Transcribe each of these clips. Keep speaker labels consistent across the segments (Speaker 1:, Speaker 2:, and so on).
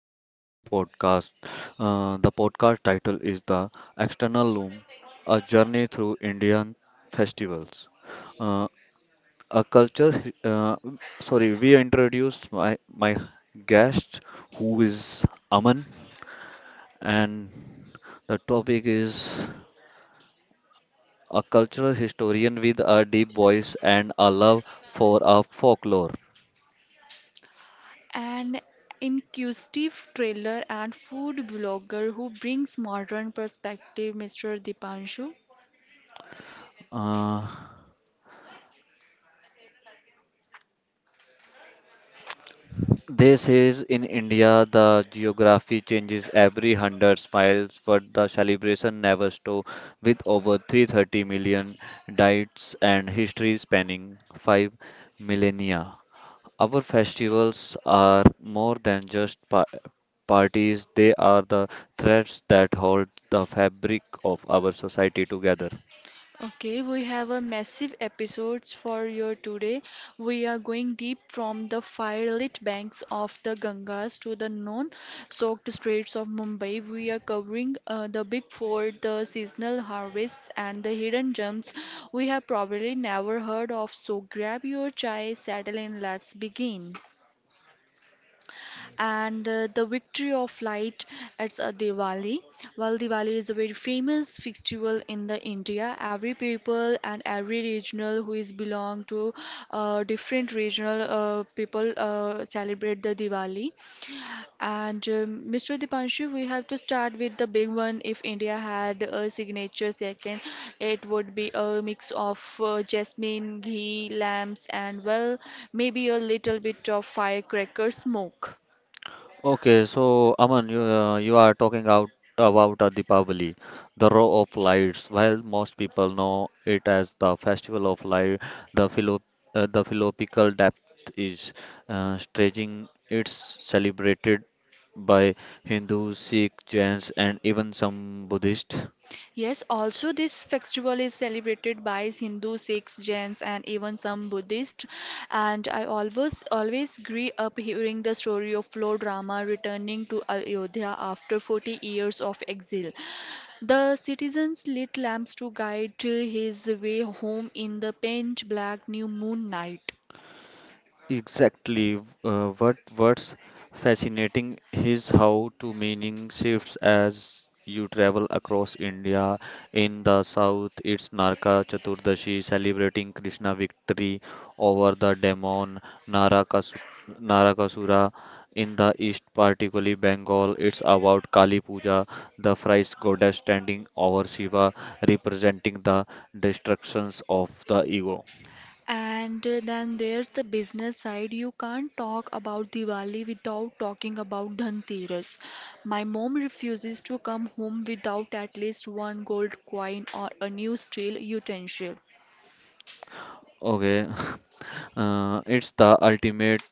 Speaker 1: back to a new podcast. The podcast title is The External Loom: A Journey Through Indian Festivals. Uh, a culture, sorry, we introduce my guest, who is Aman, and the topic is a cultural historian with a deep voice and a love for a folklore.
Speaker 2: An inquisitive trailer and food blogger who brings modern perspective, Mr. Dipanshu.
Speaker 1: Uh, They says in India the geography changes every hundred miles, but the celebration never stops. With over 330 million diets and history spanning 5 millennia, our festivals are more than just parties. They are the threads that hold the fabric of our society together.
Speaker 2: Okay, we have a massive episodes for you today. We are going deep from the firelit banks of the Gangas to the non-soaked streets of Mumbai. We are covering the big four, the seasonal harvests, and the hidden gems we have probably never heard of. So grab your chai, settle in, let's begin. And the victory of light at Diwali. Well, Diwali is a very famous festival in the India. Every people and every regional who is belong to different regional people celebrate the Diwali. And Mr. Dipanshu, we have to start with the big one. If India had a signature second, it would be a mix of jasmine, ghee, lamps, and well, maybe a little bit of firecracker smoke.
Speaker 1: Okay, so Aman, you are talking out about Deepavali, the row of lights. While most people know it as the festival of light, the philo the philosophical depth is stretching. It's celebrated by Hindus, Sikh, Jains, and even some Buddhists.
Speaker 2: Yes, also this festival is celebrated by Hindu, Sikhs, Jains, and even some Buddhists. And I always grew up hearing the story of Lord Rama returning to Ayodhya after 40 years of exile. The citizens lit lamps to guide his way home in the pitch black new moon night.
Speaker 1: Exactly. What's fascinating is how to meaning shifts as you travel across India. In the south, it's Naraka Chaturdashi, celebrating Krishna victory over the demon Narakasu Narakasura. In the east, particularly Bengal, it's about Kali Puja, the thrice goddess standing over Shiva, representing the destructions of the ego.
Speaker 2: And then there's the business side. You can't talk about Diwali without talking about Dhanteras. My mom refuses to come home without at least one gold coin or a new steel utensil.
Speaker 1: Okay. It's the ultimate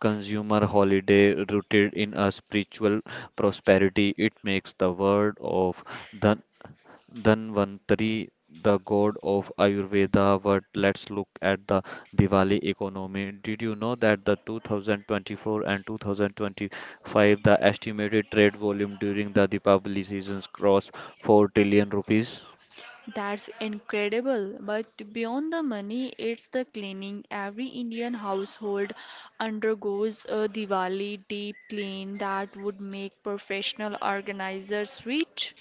Speaker 1: consumer holiday rooted in a spiritual prosperity. It makes the word of Dhan Dhanvantari, the god of Ayurveda. But let's look at the Diwali economy. Did you know that the 2024 and 2025 the estimated trade volume during the Deepavali seasons crossed 4 trillion rupees?
Speaker 2: That's incredible. But beyond the money, it's the cleaning. Every Indian household undergoes a Diwali deep clean that would make professional organizers rich.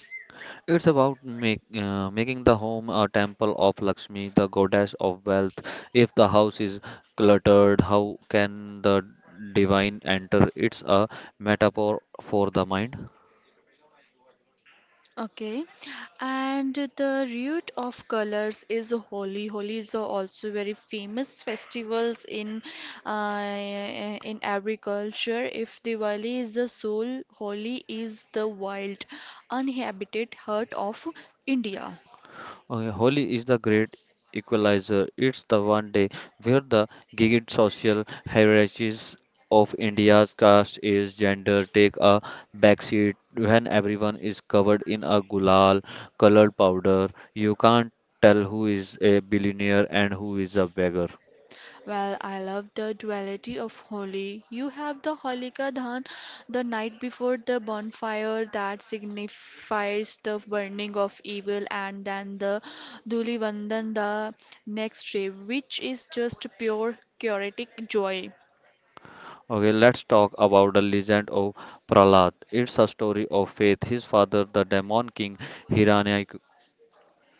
Speaker 1: It's about making the home a temple of Lakshmi, the goddess of wealth. If the house is cluttered, how can the divine enter? It's a metaphor for the mind.
Speaker 2: Okay, and the root of colors is Holi. Holi is also very famous festivals uh, in every culture. If Diwali is the soul, Holi is the wild, uninhabited heart of India.
Speaker 1: Okay, Holi is the great equalizer. It's the one day where the gigant social hierarchies of India's caste, age, gender take a backseat when everyone is covered in a gulal colored powder. You can't tell who is a billionaire and who is a beggar.
Speaker 2: Well, I love the duality of Holi. You have the Holika Dhan, the night before the bonfire that signifies the burning of evil, and then the Dhuli Vandan the next day, which is just pure chaotic joy.
Speaker 1: Okay, let's talk about the legend of Prahlad. It's a story of faith. His father, the demon king Hiranyakashipu,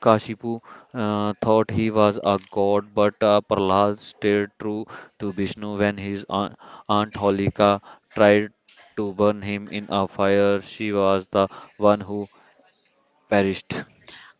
Speaker 1: Kashipu thought he was a god, but Prahlad stayed true to Vishnu when his aunt Holika tried to burn him in a fire. She was the one who perished.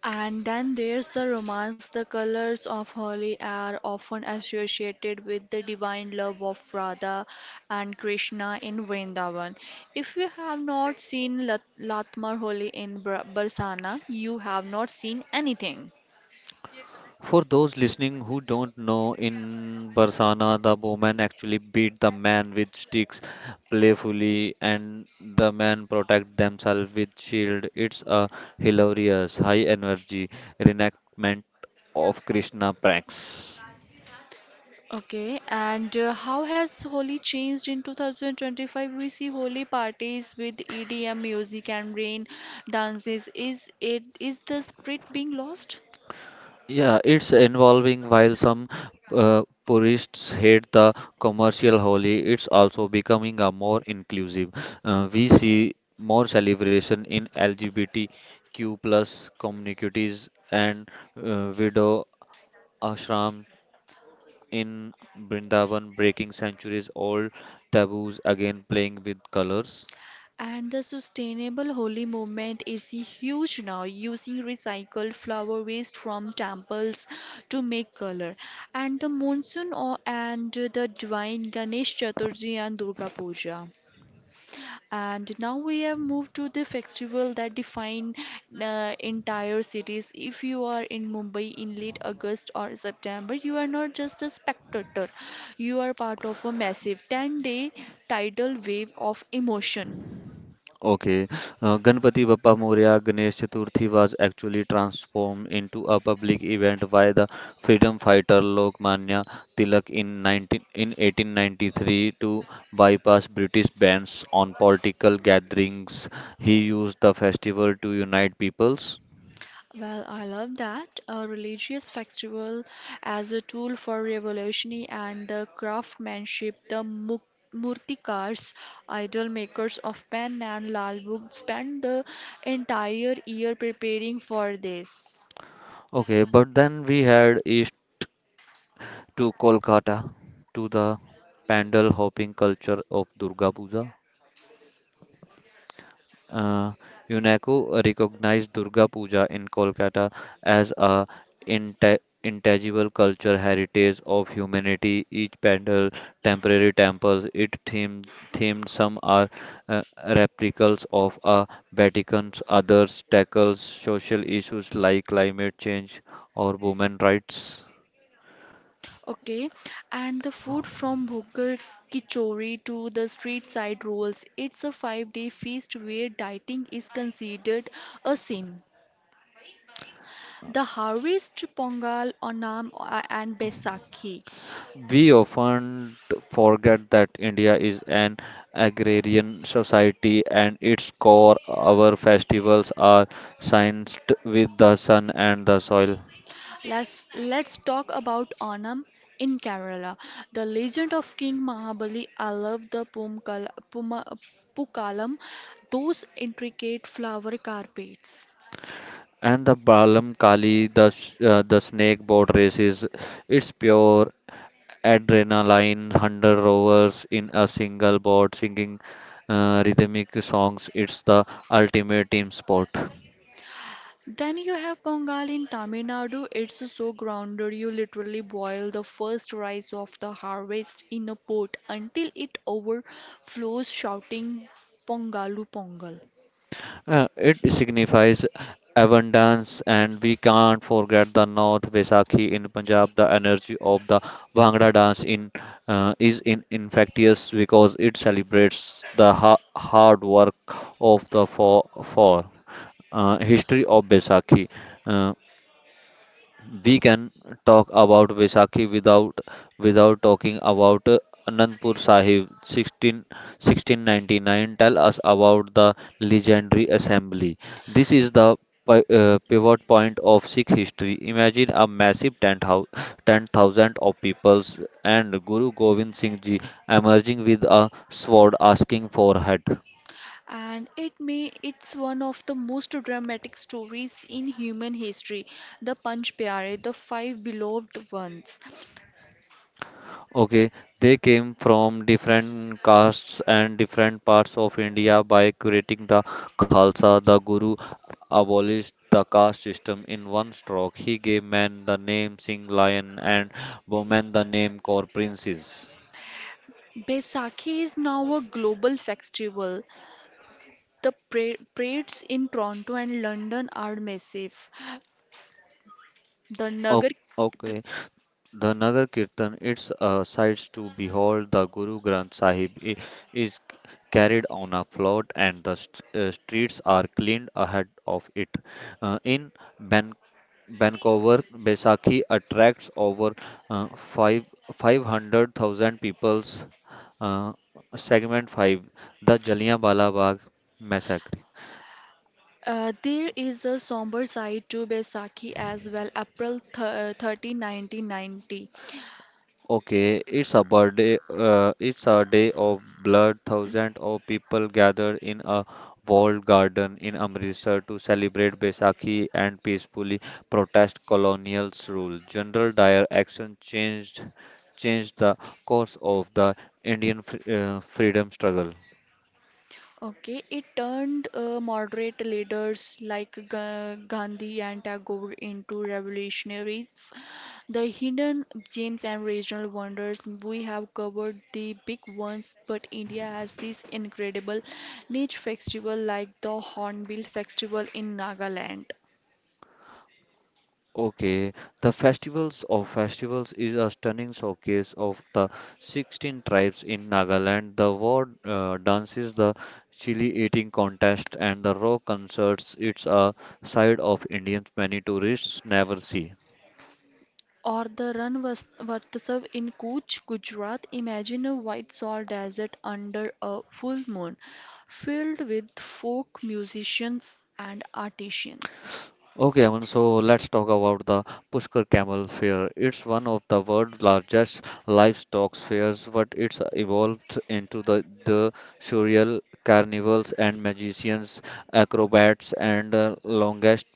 Speaker 2: And then there's the romance. The colors of Holi are often associated with the divine love of Radha and Krishna in Vrindavan. If you have not seen Latmar Holi in Barsana, you have not seen anything.
Speaker 1: For those listening who don't know, in Barsana, the woman actually beat the man with sticks playfully, and the man protect themselves with shield. It's a hilarious, high energy reenactment of Krishna pranks.
Speaker 2: Okay, and how has Holi changed in 2025? We see Holi parties with EDM music and rain dances. Is the spirit being lost?
Speaker 1: Yeah, it's involving while some purists hate the commercial holy, it's also becoming a more inclusive. We see more celebration in LGBTQ plus communities and widow ashram in Brindavan, breaking centuries old taboos again playing with colors.
Speaker 2: And the sustainable holy movement is huge now, using recycled flower waste from temples to make color. And the monsoon or, and the divine Ganesh Chaturthi and Durga Puja. And now we have moved to the festival that define entire cities. If you are in Mumbai in late August or September, you are not just a spectator. You are part of a massive 10-day tidal wave of emotion.
Speaker 1: Okay, Ganpati Bappa Moria Ganesh Chaturthi was actually transformed into a public event by the freedom fighter Lokmanya Tilak in 1893 to bypass British bans on political gatherings. He used the festival to unite peoples.
Speaker 2: Well, I love that. A religious festival as a tool for revolutionary and the craftsmanship, the murtikars, idol makers of pen and lal book, spend the entire year preparing for this.
Speaker 1: Okay, but then we head east to Kolkata, to the pandal hopping culture of Durga Puja. Uh, UNESCO recognized Durga Puja in Kolkata as a inte- intangible cultural heritage of humanity. Each pandal, temporary temples, it themed, some are replicas of a Vatican's, others tackles social issues like climate change or women rights.
Speaker 2: Okay, and the food from Bhogal Kichori to the street side rolls, it's a 5 day feast where dieting is considered a sin. The harvest Pongal, Onam, and Baisakhi.
Speaker 1: We often forget that India is an agrarian society, and its core our festivals are synced with the sun and the soil.
Speaker 2: Let's talk about Onam in Kerala. The legend of King Mahabali. I love the Pukalam, those intricate flower carpets.
Speaker 1: And the Balam Kali, the snake boat races, it's pure adrenaline, 100 rowers in a single boat singing rhythmic songs. It's the ultimate team sport.
Speaker 2: Then you have Pongal in Tamil Nadu. It's so grounded. You literally boil the first rice of the harvest in a pot until it overflows, shouting Pongalu Pongal.
Speaker 1: It signifies abundance, and we can't forget the North Vaisakhi in Punjab. The energy of the Bhangra dance in is in infectious because it celebrates the ha hard work of the for history of Vaisakhi. Uh, we can talk about Vaisakhi without talking about Anandpur Sahib 161699. Tell us about the legendary assembly. This is the pivot point of Sikh history. Imagine a massive 10,000 of peoples and Guru Gobind Singh Ji emerging with a sword asking for head.
Speaker 2: And it may it's one of the most dramatic stories in human history, the panch pyare, the five beloved ones.
Speaker 1: Okay, they came from different castes and different parts of India by creating the Khalsa. The Guru abolished the caste system in one stroke. He gave men the name Singh Lion and women the name Kaur Princes.
Speaker 2: Baisakhi is now a global festival. The parades in Toronto and London are massive. The
Speaker 1: O-
Speaker 2: nagar, the,
Speaker 1: Okay, the Nagar Kirtan, its sights to behold, the Guru Granth Sahib is carried on a float and the streets are cleaned ahead of it. In Vancouver Besaki attracts over uh, five, 500,000 peoples. Uh, segment 5: The Jallianwala Bagh Massacre.
Speaker 2: there is a somber side to Baisakhi as well. April 30, 1990.
Speaker 1: Okay, it's a birthday, it's a day of blood. Thousands of people gather in a walled garden in Amritsar to celebrate Baisakhi and peacefully protest colonial rule. General Dyer action changed the course of the Indian freedom struggle.
Speaker 2: Okay, it turned moderate leaders like Gandhi and Tagore into revolutionaries. The hidden gems and regional wonders, we have covered the big ones, but India has these incredible niche festivals like the Hornbill Festival in Nagaland.
Speaker 1: Okay, the festivals of festivals is a stunning showcase of the 16 tribes in Nagaland. The war dances, the chili eating contest, and the rock concerts. It's a side of Indians many tourists never see.
Speaker 2: Or the Ranvatsav in Kutch, Gujarat. Imagine a white salt desert under a full moon, filled with folk musicians and artisans.
Speaker 1: Okay, Aman, so let's talk about the Pushkar Camel Fair. It's one of the world's largest livestock fairs, but it's evolved into the surreal carnivals and magicians, acrobats, and longest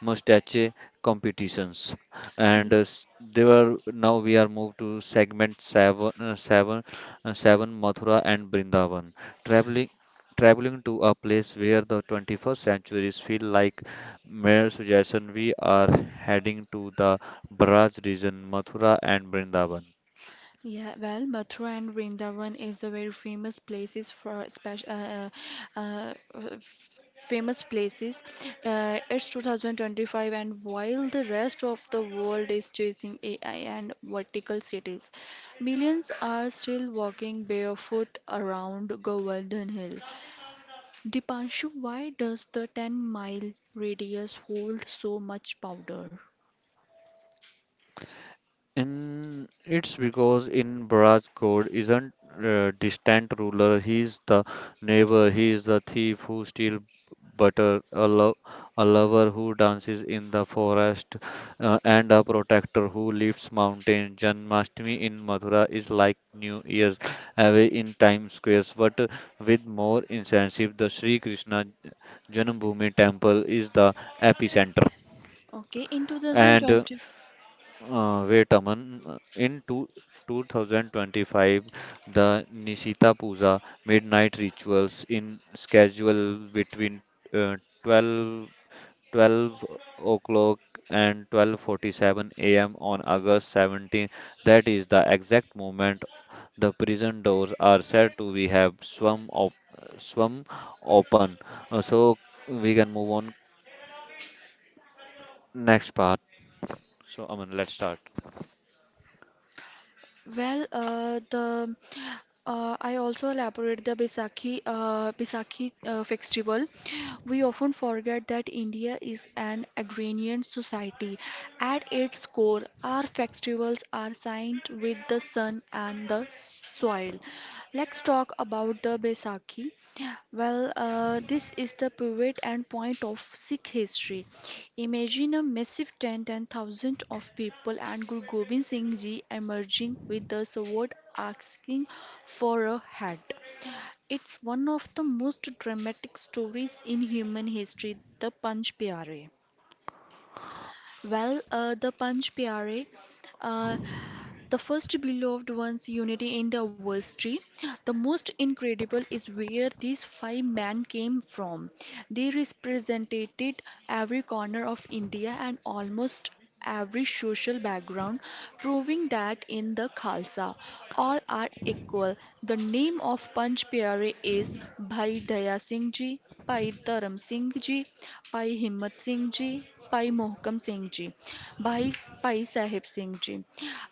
Speaker 1: mustache competitions, and s- they were now we are moved to segment 7 uh, 7 uh, 7, Mathura and Brindavan, traveling traveling to a place where the 21st centuries feel like mere suggestion. We are heading to the Braj region, Mathura and Brindavan.
Speaker 2: Yeah, well, Mathura and Vrindavan is a very famous places for special uh, uh, f- famous places. It's 2025, and while the rest of the world is chasing AI and vertical cities, millions are still walking barefoot around Govardhan Hill. Dipanshu, why does the 10-mile radius hold so much powder?
Speaker 1: And it's because in Bharat's code isn't distant ruler. He's the neighbor. He is the thief who steals butter, a lover who dances in the forest, and a protector who lifts mountain. Janmashtami in Mathura is like New Year's away in Times Square, but with more incentive. The Sri Krishna Janambhoomi temple is the epicenter.
Speaker 2: Okay, in
Speaker 1: And
Speaker 2: 2020,
Speaker 1: wait, Aman. In 2025, the Nishita Puja midnight rituals in schedule between uh, 12, twelve o'clock and 12:47 a.m. on August 17th. That is the exact moment the prison doors are said to be have swum open. So we can move on next part. So Aman, let's start.
Speaker 2: well, the I also elaborate the Baisakhi Baisakhi festival. We often forget that India is an agrarian society. At its core, our festivals are signed with the sun and the soil. Let's talk about the Baisakhi. Well, this is the pivot and point of Sikh history. Imagine a massive tent and thousands of people, and Guru Gobind Singh Ji emerging with the sword asking for a hat. It's one of the most dramatic stories in human history, the Panch Pyare. Well, the Panch Pyare. uh, the first beloved one's unity in the verse vestry. The most incredible is where these five men came from. They represented every corner of India and almost every social background, proving that in the Khalsa, all are equal. The name of Panch Pyare is Bhai Daya Singh Ji, Bhai Dharam Singh Ji, Bhai Himmat Singh Ji, Bhai Mohkam Singh Ji, Bhai Bhai Sahib Singh Ji,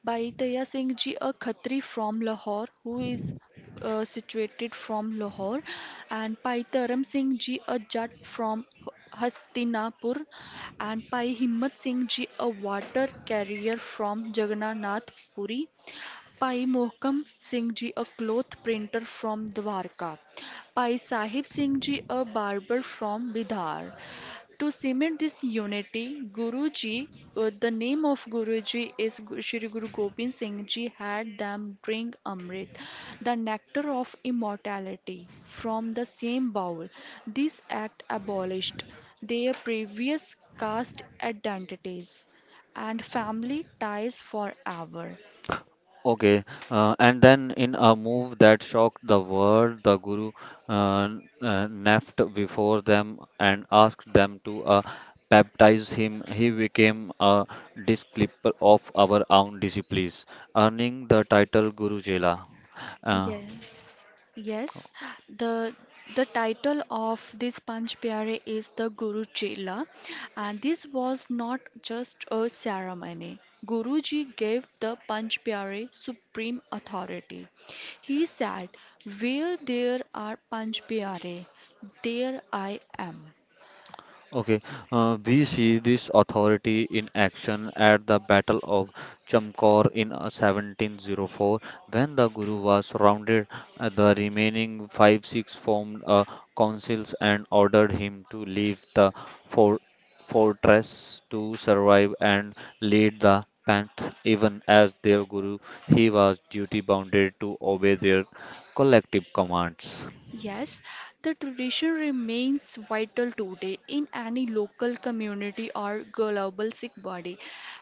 Speaker 2: by Taya Singh ji, a Khatri from Lahore, who is situated from Lahore, and by Taram Singh ji, a Jat from Hastinapur, and by Himmat Singh ji, a water carrier from Jagannath Puri, by Mohkam Singh ji, a cloth printer from Dwarka, by Sahib Singh ji, a barber from Bidar, to cement this unity, Guruji, the name of Guruji is Shri Guru Gobind Singh Ji had them drink Amrit, the nectar of immortality, from the same bowl. This act abolished their previous caste identities and family ties forever.
Speaker 1: Okay, and then in a move that shocked the world, the guru uh, knelt before them and asked them to baptize him. He became a disciple of our own disciples, earning the title Guru Jela. Uh,
Speaker 2: Yeah. Yes, the the title of this Panch Pyare is the Guru Chela, and this was not just a ceremony. Guruji gave the Panch Pyare supreme authority. He said, "Where there are Panch Pyare, there I am."
Speaker 1: Okay we see this authority in action at the Battle of Chamkor in 1704 when the Guru was surrounded. The remaining five Sikhs formed councils and ordered him to leave the fort fortress to survive and lead the path. Even as their Guru, he was duty bounded to obey their collective commands.
Speaker 2: Yes, the tradition remains vital today in any local community or global Sikh body.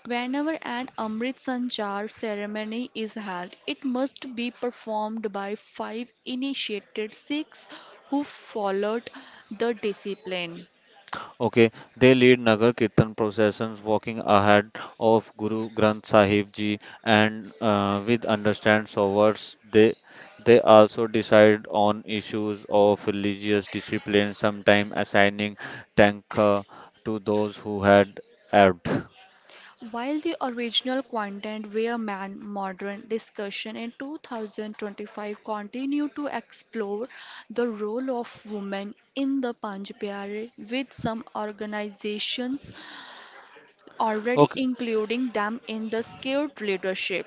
Speaker 2: Whenever an Amrit Sanchar ceremony is held, it must be performed by five initiated Sikhs who followed the discipline.
Speaker 1: Okay, they lead Nagar Kirtan processions, walking ahead of Guru Granth Sahib Ji, and with understand sovars, they also decide on issues of religious discipline, sometimes assigning tankha to those who had erred.
Speaker 2: While the original content were man modern discussion in 2025 continued to explore the role of women in the Panchpyare with some organizations already
Speaker 1: Okay,
Speaker 2: including them in the skilled leadership.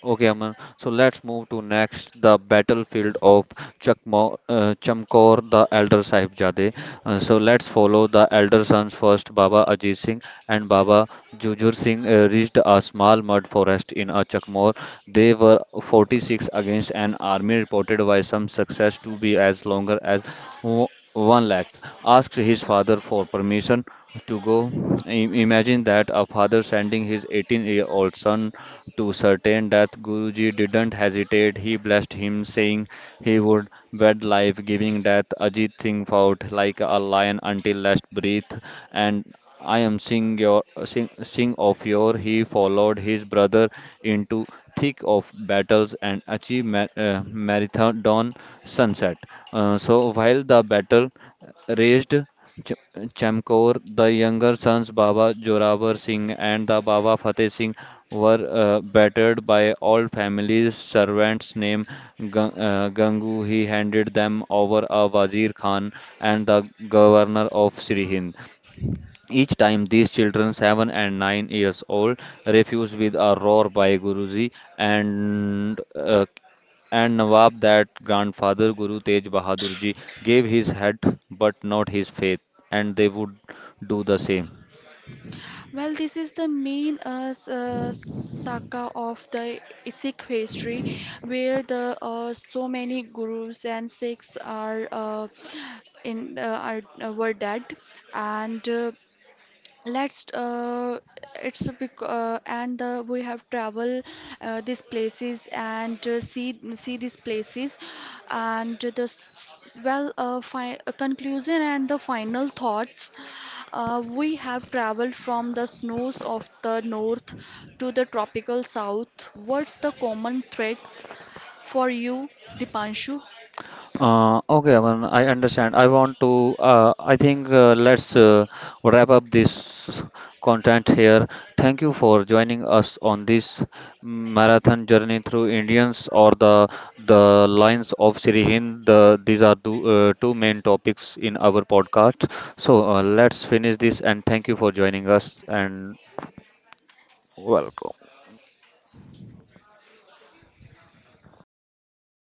Speaker 1: Okay, Aman. So let's move to next the battlefield of Chamkor, the elder Sahibzade. So let's follow the elder sons first. Baba Ajit Singh and Baba Jujur Singh reached a small mud forest in a Chakmor. They were 46 against an army reported by some success to be as longer as one lakh. Asked his father for permission to go. Imagine that a father sending his 18-year-old son to certain death, Guruji didn't hesitate. He blessed him, saying he would wed life, giving death. Ajit Singh fought like a lion until last breath, and I am sing of your. He followed his brother into thick of battles and achieved marathon sunset. So while the battle raged, Ch- Chamkaur, the younger sons Baba Jorawar Singh and the Baba Fateh Singh were battered by all families. Servants named Gangu, he handed them over a Wazir Khan and the governor of Sri Hind. Each time these children, 7 and 9 years old, refused with a roar by Guruji and uh, and Nawab that grandfather Guru Tej Bahadur Ji gave his head but not his faith, and they would do the same.
Speaker 2: Well, this is the main saka of the Sikh history, where the so many gurus and Sikhs are in are were dead, and let's it's a big and we have travel these places and see these places and the conclusion and the final thoughts. We have traveled from the snows of the north to the tropical south. What's the common threads for you, Dipanshu?
Speaker 1: Okay, Aman, I understand. I want to, I think let's wrap up this content here. Thank you for joining us on this marathon journey through Indians or the lines of Sri Hind. These are two main topics in our podcast. So let's finish this and thank you for joining us. And welcome.